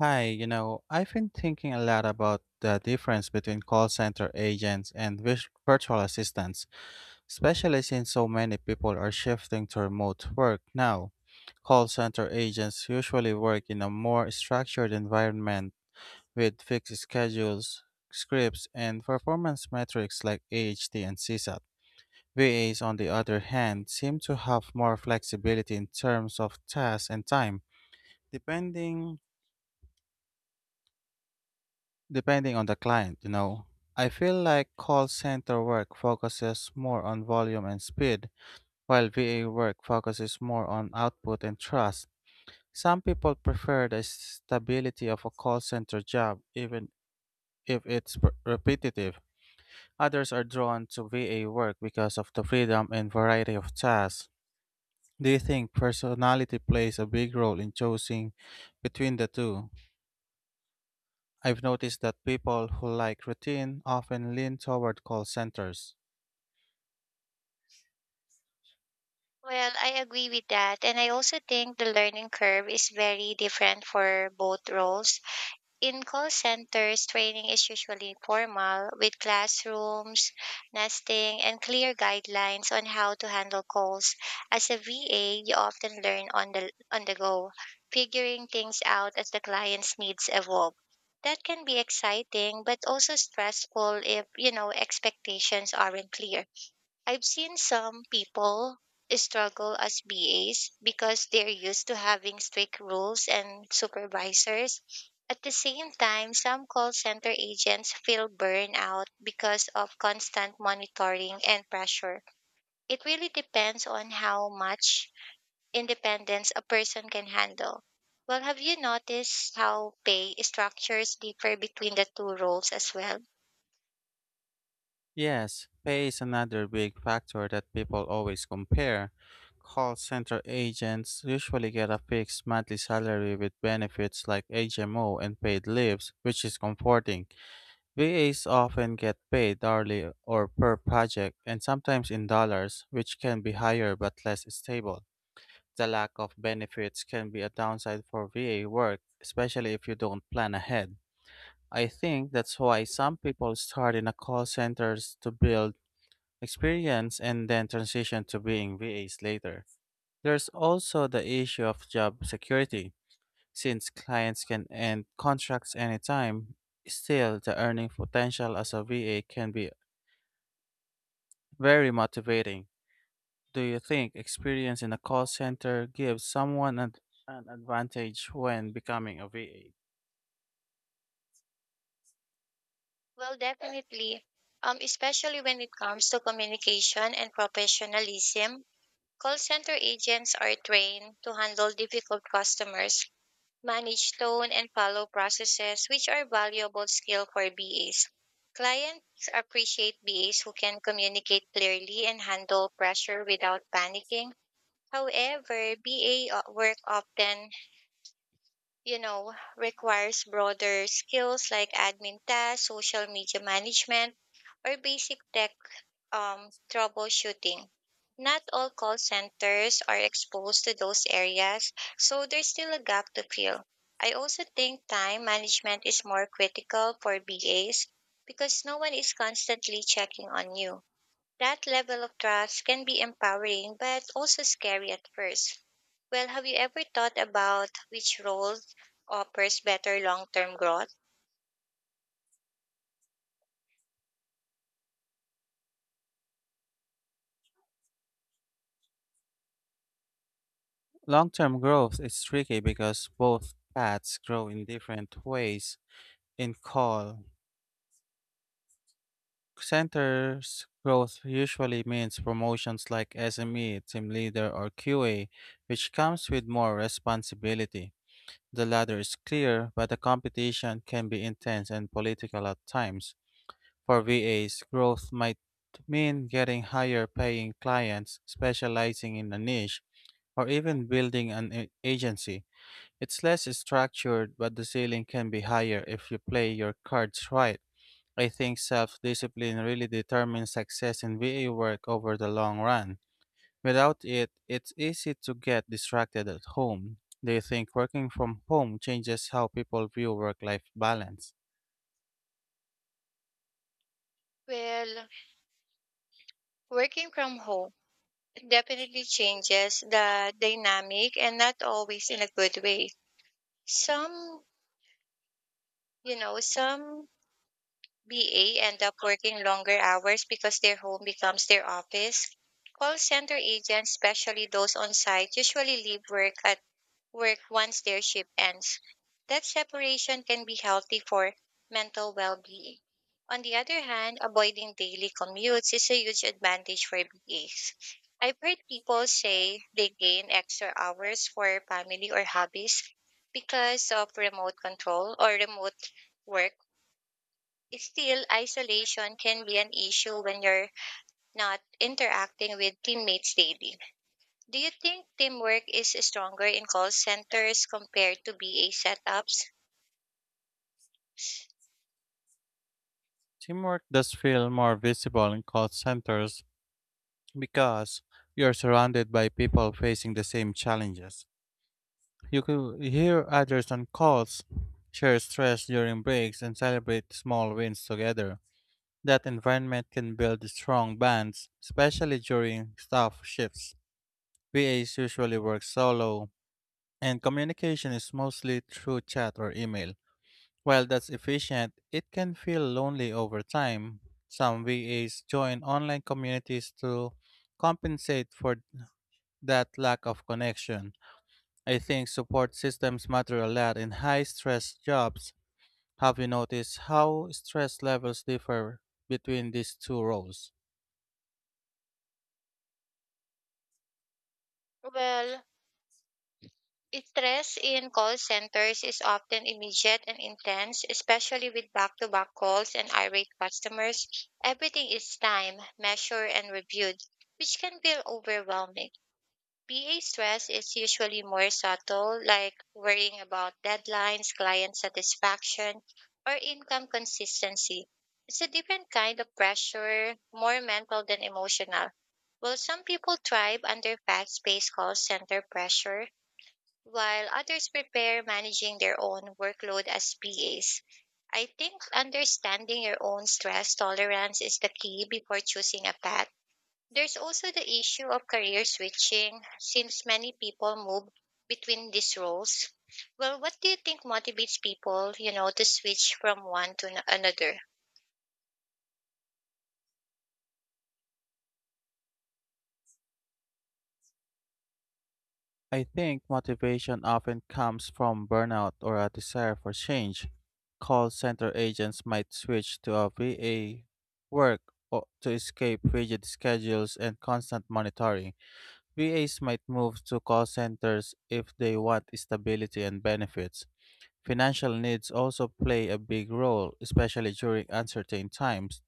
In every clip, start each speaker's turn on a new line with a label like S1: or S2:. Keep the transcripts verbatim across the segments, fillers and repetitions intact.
S1: Hi, you know, I've been thinking a lot about the difference between call center agents and vis- virtual assistants, especially since so many people are shifting to remote work now. Call center agents usually work in a more structured environment with fixed schedules, scripts, and performance metrics like A H T and C SAT. V As, on the other hand, seem to have more flexibility in terms of tasks and time, depending Depending on the client, you know. I feel like call center work focuses more on volume and speed, while V A work focuses more on output and trust. Some people prefer the stability of a call center job, even if it's pr- repetitive. Others are drawn to V A work because of the freedom and variety of tasks. Do you think personality plays a big role in choosing between the two? I've noticed that people who like routine often lean toward call centers.
S2: Well, I agree with that. And I also think the learning curve is very different for both roles. In call centers, training is usually formal with classrooms, nesting, and clear guidelines on how to handle calls. As a V A, you often learn on the on the go, figuring things out as the client's needs evolve. That can be exciting, but also stressful if, you know, expectations aren't clear. I've seen some people struggle as B As because they're used to having strict rules and supervisors. At the same time, some call center agents feel burnout because of constant monitoring and pressure. It really depends on how much independence a person can handle. Well, have you noticed how pay structures differ between the two roles as well?
S1: Yes, pay is another big factor that people always compare. Call center agents usually get a fixed monthly salary with benefits like H M O and paid leaves, which is comforting. V As often get paid hourly or per project and sometimes in dollars, which can be higher but less stable. The lack of benefits can be a downside for V A work, especially if you don't plan ahead. I think that's why some people start in a call centers to build experience and then transition to being V As later. There's also the issue of job security. Since clients can end contracts anytime, still the earning potential as a V A can be very motivating. Do you think experience in a call center gives someone an, an advantage when becoming a V A?
S2: Well, definitely. Um, especially when it comes to communication and professionalism, call center agents are trained to handle difficult customers, manage tone, and follow processes, which are valuable skill for B As. Clients appreciate B As who can communicate clearly and handle pressure without panicking. However, B A work often you know, requires broader skills like admin tasks, social media management, or basic tech um, troubleshooting. Not all call centers are exposed to those areas, so there's still a gap to fill. I also think time management is more critical for B As because no one is constantly checking on you. That level of trust can be empowering but also scary at first. Well, have you ever thought about which role offers better long term growth?
S1: Long term growth is tricky because both paths grow in different ways In call centers, growth usually means promotions like S M E, team leader, or Q A, which comes with more responsibility. The ladder is clear, but the competition can be intense and political at times. For V As, growth might mean getting higher paying clients, specializing in a niche, or even building an a- agency. It's less structured, but the ceiling can be higher if you play your cards right. I think self discipline really determines success in V A work over the long run. Without it, it's easy to get distracted at home. Do you think working from home changes how people view work life balance?
S2: Well, working from home definitely changes the dynamic and not always in a good way. Some, you know, some B A end up working longer hours because their home becomes their office. Call center agents, especially those on site, usually leave work at work once their shift ends. That separation can be healthy for mental well being. On the other hand, avoiding daily commutes is a huge advantage for B As. I've heard people say they gain extra hours for family or hobbies because of remote control or remote work. Still, isolation can be an issue when you're not interacting with teammates daily. Do you think teamwork is stronger in call centers compared to B A setups?
S1: Teamwork does feel more visible in call centers because you're surrounded by people facing the same challenges. You could hear others on calls, share stress during breaks, and celebrate small wins together. That environment can build strong bands, especially during staff shifts. V As usually work solo, and communication is mostly through chat or email. While that's efficient, it can feel lonely over time. Some V As join online communities to compensate for that lack of connection. I think support systems matter a lot in high stress jobs. Have you noticed how stress levels differ between these two roles?
S2: Well, stress in call centers is often immediate and intense, especially with back to back calls and irate customers. Everything is timed, measured, and reviewed, which can feel overwhelming. P A stress is usually more subtle, like worrying about deadlines, client satisfaction, or income consistency. It's a different kind of pressure, more mental than emotional. While some people thrive under fast paced call center pressure, while others prepare managing their own workload as P As. I think understanding your own stress tolerance is the key before choosing a path. There's also the issue of career switching, since many people move between these roles. Well, what do you think motivates people, you know, to switch from one to ano- another?
S1: I think motivation often comes from burnout or a desire for change. Call center agents might switch to a V A work o- to escape rigid schedules and constant monitoring. V As might move to call centers if they want stability and benefits. Financial needs also play a big role, especially during uncertain times.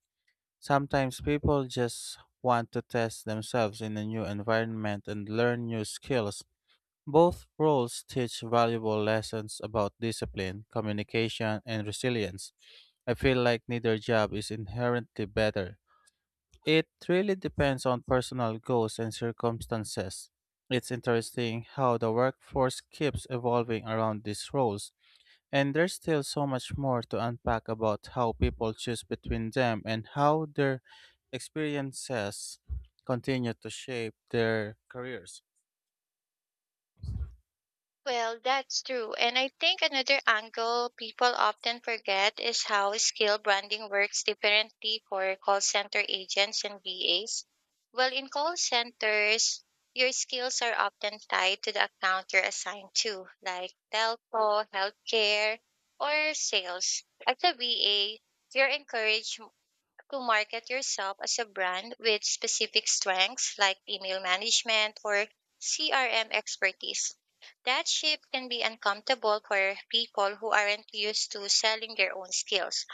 S1: Sometimes people just want to test themselves in a new environment and learn new skills. Both roles teach valuable lessons about discipline, communication, and resilience. I feel like neither job is inherently better. It really depends on personal goals and circumstances. It's interesting how the workforce keeps evolving around these roles, and there's still so much more to unpack about how people choose between them and how their experiences continue to shape their careers.
S2: Well, that's true. And I think another angle people often forget is how skill branding works differently for call center agents and V As. Well, in call centers, your skills are often tied to the account you're assigned to, like telco, healthcare, or sales. As a V A, you're encouraged to market yourself as a brand with specific strengths like email management or C R M expertise. That shift can be uncomfortable for people who aren't used to selling their own skills.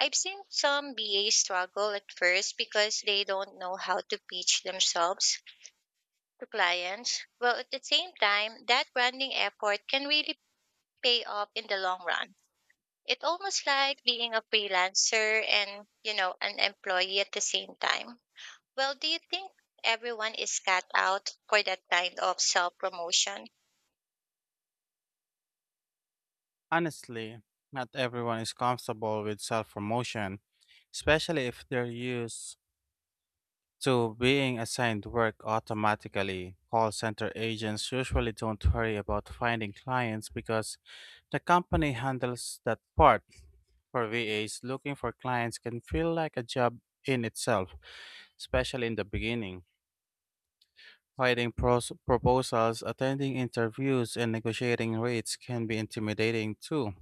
S2: I've seen some B As struggle at first because they don't know how to pitch themselves to clients. Well, at the same time, that branding effort can really pay off in the long run. It's almost like being a freelancer and, you know, an employee at the same time. Well, do you think everyone is cut out for that kind of self promotion?
S1: Honestly, not everyone is comfortable with self promotion, especially if they're used to being assigned work automatically. Call center agents usually don't worry about finding clients because the company handles that part. For V As, looking for clients can feel like a job in itself, especially in the beginning. Writing pros- proposals, attending interviews, and negotiating rates can be intimidating too.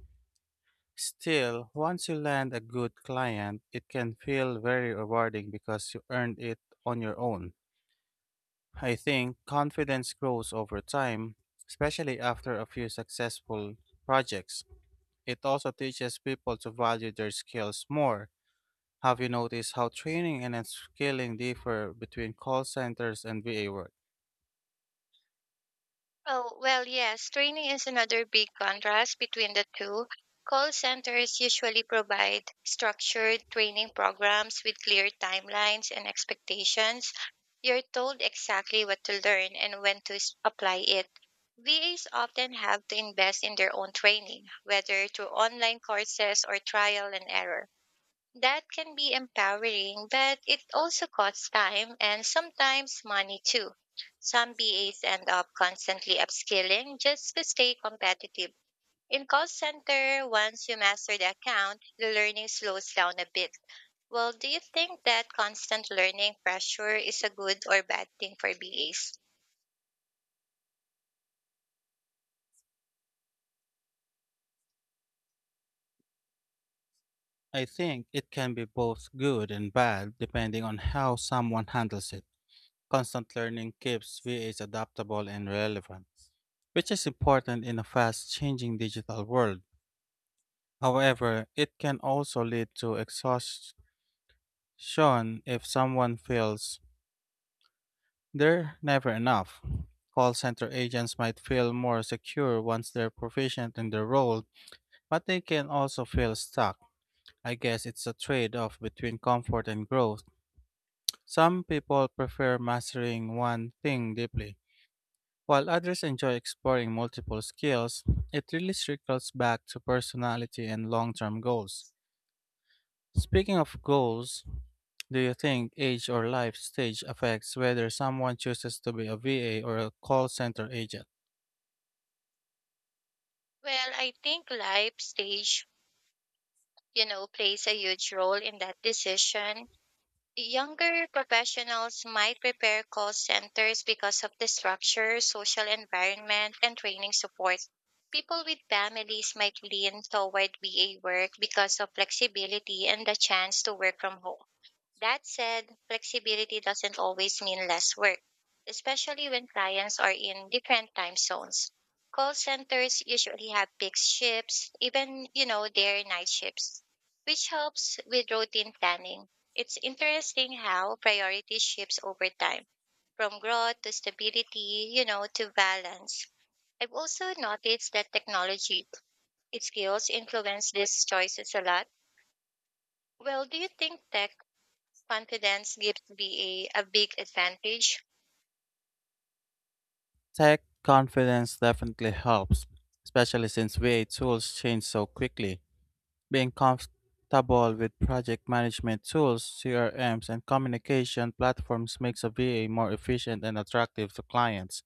S1: Still, once you land a good client, it can feel very rewarding because you earned it on your own. I think confidence grows over time, especially after a few successful projects. It also teaches people to value their skills more. Have you noticed how training and upskilling differ between call centers and V A work?
S2: Oh, well, yes, training is another big contrast between the two. Call centers usually provide structured training programs with clear timelines and expectations. You're told exactly what to learn and when to s- apply it. V As often have to invest in their own training, whether through online courses or trial and error. That can be empowering, but it also costs time and sometimes money too. Some B As end up constantly upskilling just to stay competitive. In call center, once you master the account, the learning slows down a bit. Well, do you think that constant learning pressure is a good or bad thing for B As?
S1: I think it can be both good and bad depending on how someone handles it. Constant learning keeps V As adaptable and relevant, which is important in a fast changing digital world. However, it can also lead to exhaustion if someone feels they're never enough. Call center agents might feel more secure once they're proficient in their role, but they can also feel stuck. I guess it's a trade off between comfort and growth. Some people prefer mastering one thing deeply While others enjoy exploring multiple skills, it really circles back to personality and long term goals. Speaking of goals, do you think age or life stage affects whether someone chooses to be a V A or a call center agent?
S2: Well, I think life stage, you know, plays a huge role in that decision. Younger professionals might prepare call centers because of the structure, social environment, and training support. People with families might lean toward V A work because of flexibility and the chance to work from home. That said, flexibility doesn't always mean less work, especially when clients are in different time zones. Call centers usually have fixed shifts, even, you know, their night shifts, which helps with routine planning. It's interesting how priority shifts over time, from growth to stability, you know, to balance. I've also noticed that technology skills influence these choices a lot. Well, do you think tech confidence gives BA a a big advantage?
S1: Tech confidence definitely helps, especially since V A tools change so quickly. Being comfortable with project management tools, C R Ms, and communication platforms makes a V A more efficient and attractive to clients.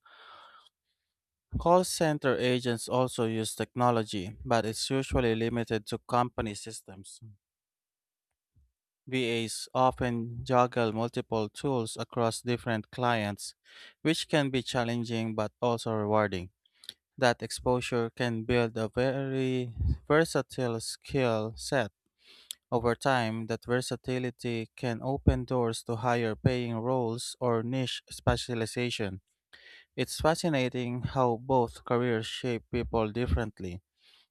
S1: Call center agents also use technology, but it's usually limited to company systems. V As often juggle multiple tools across different clients, which can be challenging but also rewarding. That exposure can build a very versatile skill set. Over time, that versatility can open doors to higher paying roles or niche specialization. It's fascinating how both careers shape people differently.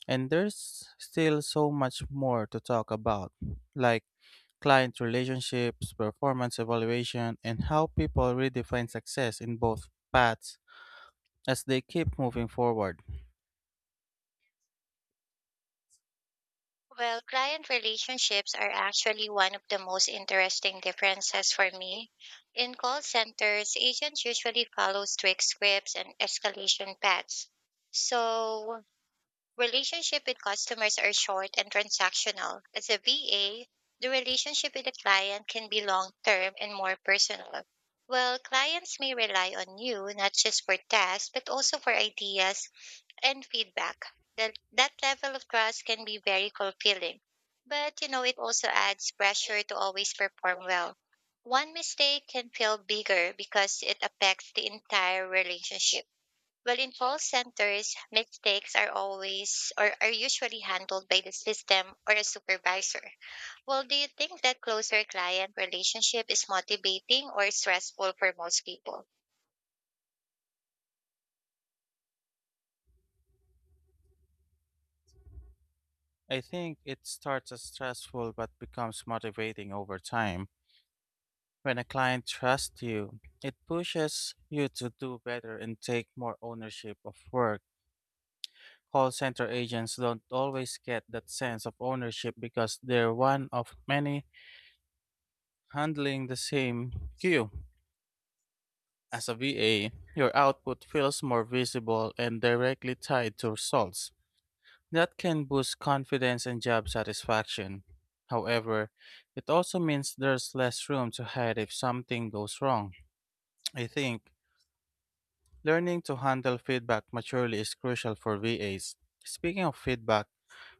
S1: And there's still so much more to talk about, like client relationships, performance evaluation, and how people redefine success in both paths as they keep moving forward.
S2: Well, client relationships are actually one of the most interesting differences for me. In call centers, agents usually follow strict scripts and escalation paths. So, relationship with customers are short and transactional. As a V A, the relationship with the client can be long-term and more personal. Well, clients may rely on you not just for tasks, but also for ideas and feedback. That that level of trust can be very fulfilling. But you know, it also adds pressure to always perform well. One mistake can feel bigger because it affects the entire relationship. Well, in call centers, mistakes are always or are usually handled by the system or a supervisor. Well, do you think that closer client relationship is motivating or stressful for most people?
S1: I think it starts as stressful but becomes motivating over time. When a client trusts you, it pushes you to do better and take more ownership of work. Call center agents don't always get that sense of ownership because they're one of many handling the same queue. As a V A, your output feels more visible and directly tied to results. That can boost confidence and job satisfaction. However, it also means there's less room to hide if something goes wrong. I think learning to handle feedback maturely is crucial for V As. Speaking of feedback,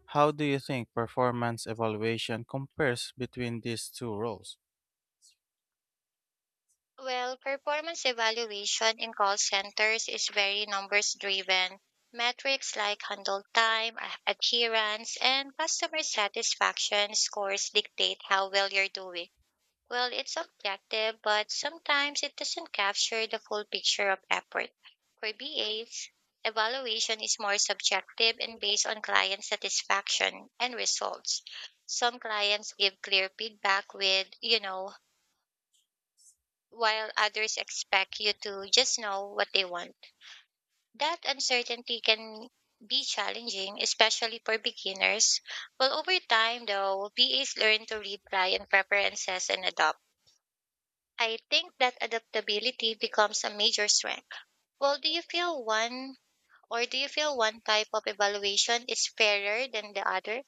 S1: how do you think performance evaluation compares between these two roles?
S2: Well, performance evaluation in call centers is very numbers driven. Metrics like handle time, a- adherence, and customer satisfaction scores dictate how well you're doing. Well, it's objective, but sometimes it doesn't capture the full picture of effort. For B As, evaluation is more subjective and based on client satisfaction and results. Some clients give clear feedback with, you know, while others expect you to just know what they want. That uncertainty can be challenging, especially for beginners. Well, over time, though, V As learn to read client preferences and adopt. I think that adaptability becomes a major strength. Well, do you feel one or do you feel one type of evaluation is fairer than the other?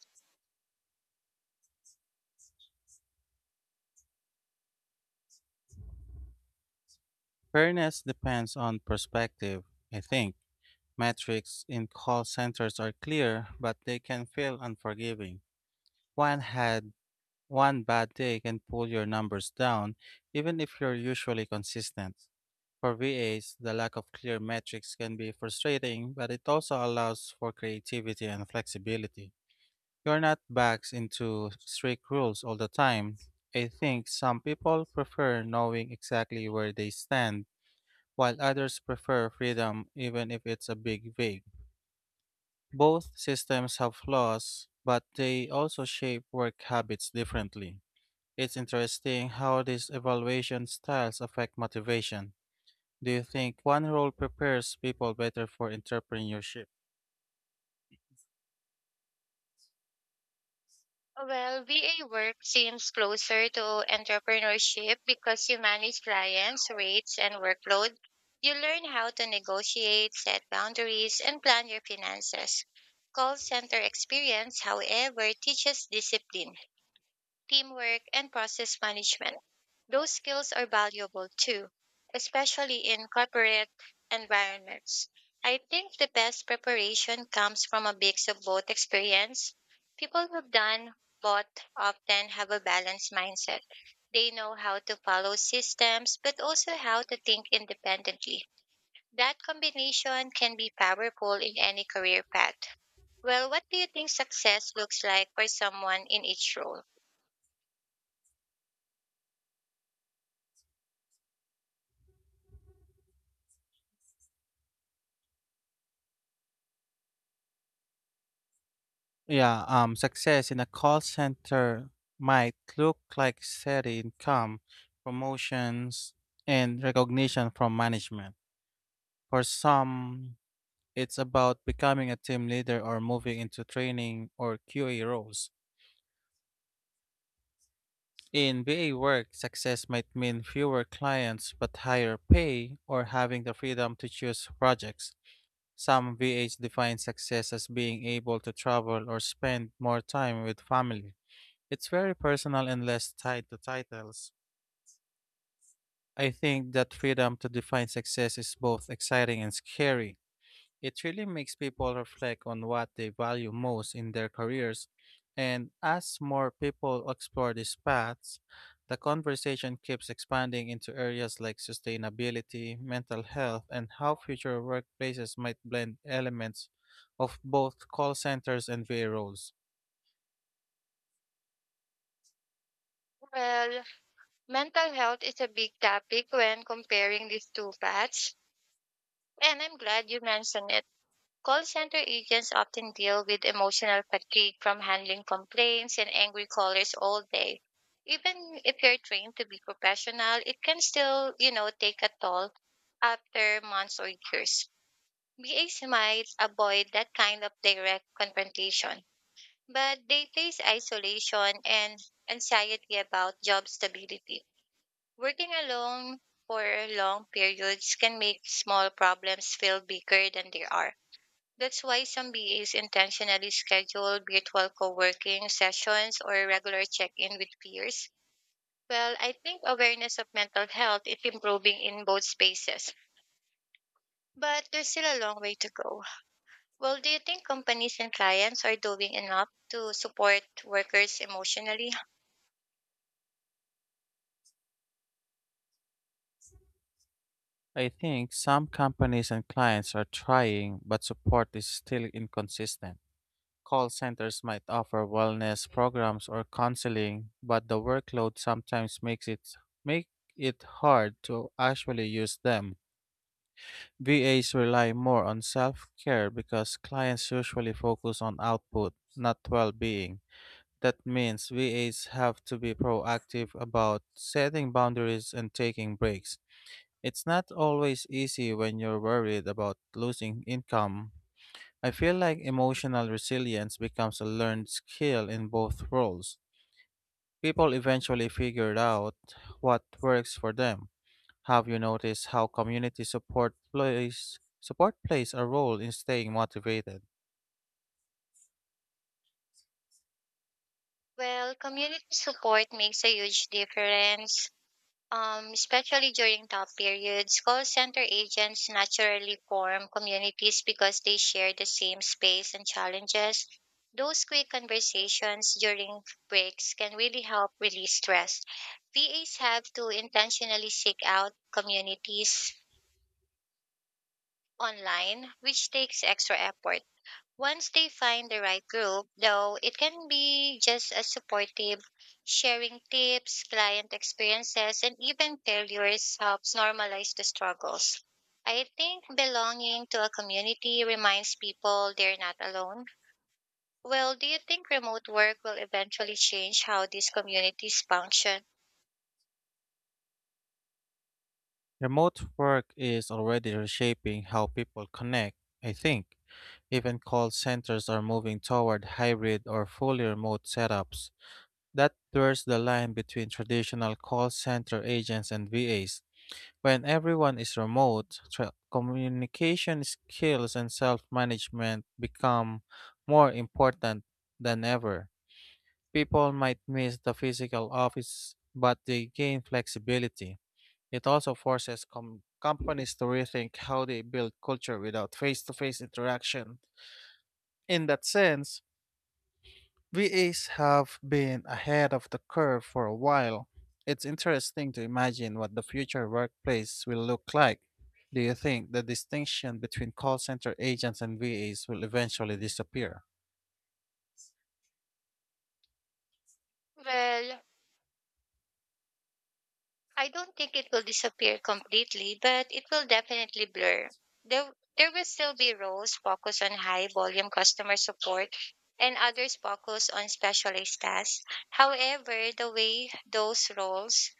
S1: Fairness depends on perspective, I think Metrics in call centers are clear, but they can feel unforgiving. One had one bad day can pull your numbers down, even if you're usually consistent. For V As, the lack of clear metrics can be frustrating, but it also allows for creativity and flexibility. You're not backed into strict rules all the time. I think some people prefer knowing exactly where they stand, while others prefer freedom, even if it's a big vague. Both systems have flaws, but they also shape work habits differently. It's interesting how these evaluation styles affect motivation. Do you think one role prepares people better for entrepreneurship?
S2: Well, V A work seems closer to entrepreneurship because you manage clients, rates, and workload. You learn how to negotiate, set boundaries, and plan your finances. Call center experience, however, teaches discipline, teamwork, and process management. Those skills are valuable too, especially in corporate environments. I think the best preparation comes from a mix of both experience. People who've done both often have a balanced mindset. They know how to follow systems, but also how to think independently. That combination can be powerful in any career path. Well, what do you think success looks like for someone in each role?
S1: Yeah, um, success in a call center might look like steady income, promotions, and recognition from management. For some, it's about becoming a team leader or moving into training or Q A roles. In V A work, success might mean fewer clients but higher pay or having the freedom to choose projects. Some V As define success as being able to travel or spend more time with family. It's very personal and less tied to titles. I think that freedom to define success is both exciting and scary. It really makes people reflect on what they value most in their careers. And as more people explore these paths, the conversation keeps expanding into areas like sustainability, mental health, and how future workplaces might blend elements of both call centers and V A roles.
S2: Well, mental health is a big topic when comparing these two paths, and I'm glad you mentioned it. Call center agents often deal with emotional fatigue from handling complaints and angry callers all day. Even if you're trained to be professional, it can still, you know, take a toll after months or years. B As might avoid that kind of direct confrontation, but they face isolation and anxiety about job stability. Working alone for long periods can make small problems feel bigger than they are. That's why some B As intentionally schedule virtual co-working sessions or regular check-in with peers. Well, I think awareness of mental health is improving in both spaces, but there's still a long way to go. Well, do you think companies and clients are doing enough to support workers emotionally?
S1: I think some companies and clients are trying, but support is still inconsistent. Call centers might offer wellness programs or counseling, but the workload sometimes makes it make it hard to actually use them. V As rely more on self-care because clients usually focus on output, not well-being. That means V As have to be proactive about setting boundaries and taking breaks. It's not always easy when you're worried about losing income I feel like emotional resilience becomes a learned skill in both roles. People eventually figure out what works for them. Have you noticed how community support plays support plays a role in staying motivated?
S2: Well, community support makes a huge difference. Um, especially during tough periods, call center agents naturally form communities because they share the same space and challenges. Those quick conversations during breaks can really help release stress. V As have to intentionally seek out communities online, which takes extra effort. Once they find the right group, though, it can be just as supportive. Sharing tips, client experiences, and even failures helps normalize the struggles. I think belonging to a community reminds people they're not alone. Well, do you think remote work will eventually change how these communities function?
S1: Remote work is already reshaping how people connect, I think. Even call centers are moving toward hybrid or fully remote setups. That blurs the line between traditional call center agents and V As. When everyone is remote, tra- communication skills and self management become more important than ever. People might miss the physical office, but they gain flexibility. It also forces com- companies to rethink how they build culture without face to face interaction. In that sense, V As have been ahead of the curve for a while. It's interesting to imagine what the future workplace will look like. Do you think the distinction between call center agents and V As will eventually disappear?
S2: Well, I don't think it will disappear completely, but it will definitely blur. There, there will still be roles focused on high volume customer support and others focused on specialized tasks. However, the way those roles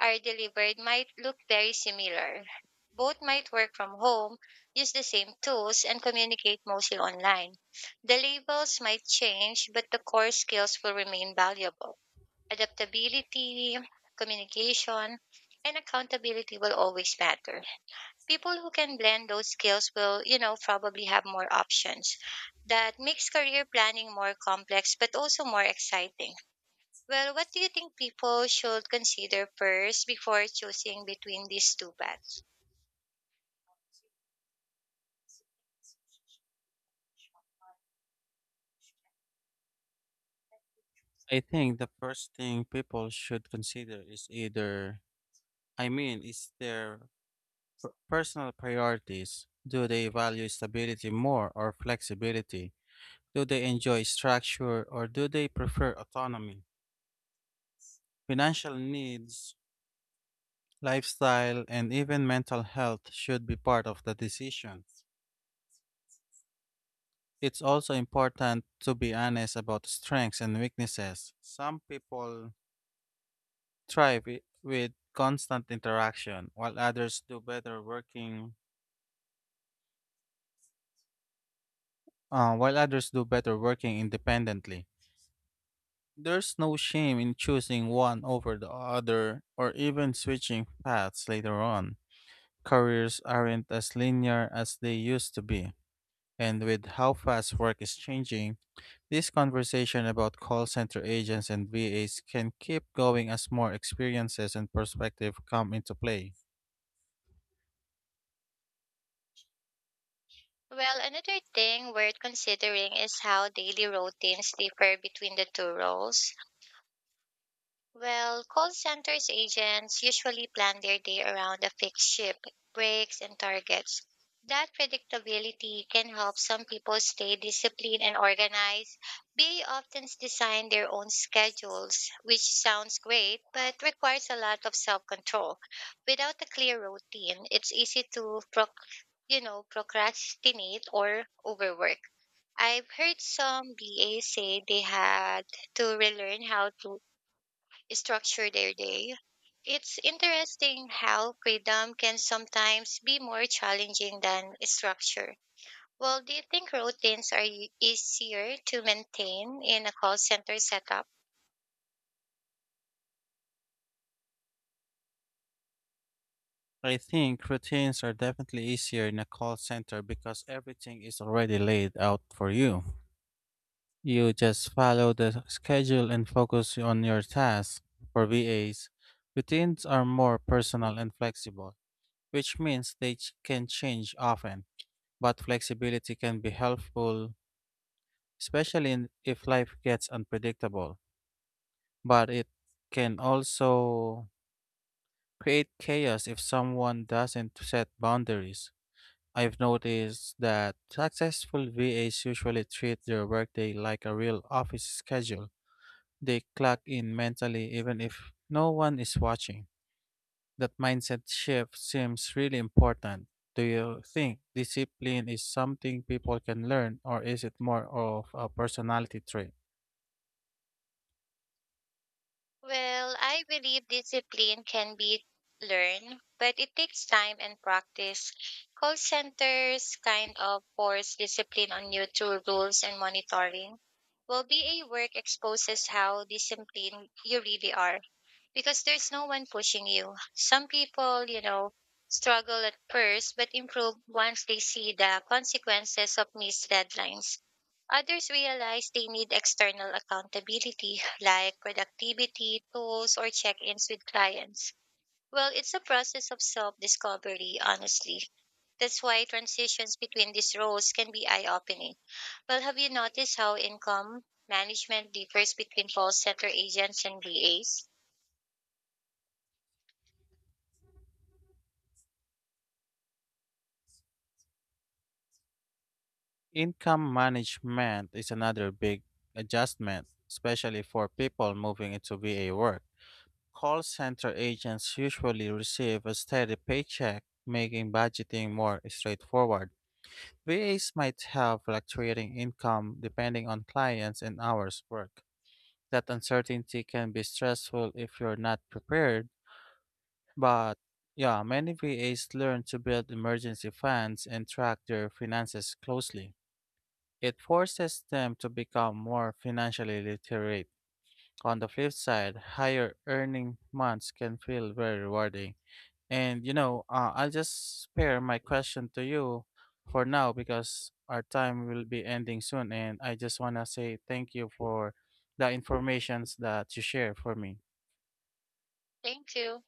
S2: are delivered might look very similar. Both might work from home, use the same tools, and communicate mostly online. The labels might change, but the core skills will remain valuable: adaptability, communication, and accountability will always matter. People who can blend those skills will, you know, probably have more options. That makes career planning more complex but also more exciting. Well, what do you think people should consider first before choosing between these two paths?
S1: I think the first thing people should consider, is either, I mean, is their personal priorities. Do they value stability more or flexibility? Do they enjoy structure or do they prefer autonomy? Financial needs Lifestyle and even mental health should be part of the decisions. It's also important to be honest about strengths and weaknesses. Some people thrive wi- with constant interaction, while others do better working uh, while others do better working independently. There's no shame in choosing one over the other or even switching paths later on. Careers aren't as linear as they used to be, and with how fast work is changing, This conversation about call center agents and V As can keep going as more experiences and perspective come into play.
S2: Well, another thing worth considering is how daily routines differ between the two roles. Well, call centers agents usually plan their day around a fixed shift, breaks, and targets. That predictability can help some people stay disciplined and organized. B A often design their own schedules, which sounds great but requires a lot of self-control. Without a clear routine, it's easy to proc- you know, procrastinate or overwork. I've heard some B A say they had to relearn how to structure their day. It's interesting how freedom can sometimes be more challenging than structure. Well, do you think routines are e- easier to maintain in a call center setup?
S1: I think routines are definitely easier in a call center because everything is already laid out for you. You just follow the schedule and focus on your tasks. For V As, routines are more personal and flexible, which means they ch- can change often, but flexibility can be helpful, especially in, if life gets unpredictable. But it can also create chaos if someone doesn't set boundaries. I've noticed that successful V As usually treat their workday like a real office schedule. They clock in mentally even if no one is watching. That mindset shift seems really important. Do you think discipline is something people can learn, or is it more of a personality trait?
S2: Well, I believe discipline can be learned, but it takes time and practice. Call centers kind of force discipline on you through rules and monitoring. Well, B A work exposes how disciplined you really are, because there's no one pushing you. Some people, you know, struggle at first but improve once they see the consequences of missed deadlines. Others realize they need external accountability like productivity, tools, or check ins with clients. Well, it's a process of self discovery, honestly. That's why transitions between these roles can be eye opening. Well, have you noticed how income management differs between call center agents and V As?
S1: Income management is another big adjustment, especially for people moving into V A work. Call center agents usually receive a steady paycheck, making budgeting more straightforward. V As might have fluctuating income depending on clients and hours worked. That uncertainty can be stressful if you're not prepared, but yeah, many V As learn to build emergency funds and track their finances closely. It forces them to become more financially literate. On the flip side, higher earning months can feel very rewarding. And you know, uh, I'll just spare my question to you for now because our time will be ending soon. And I just want to say thank you for the informations that you share for me.
S2: Thank you.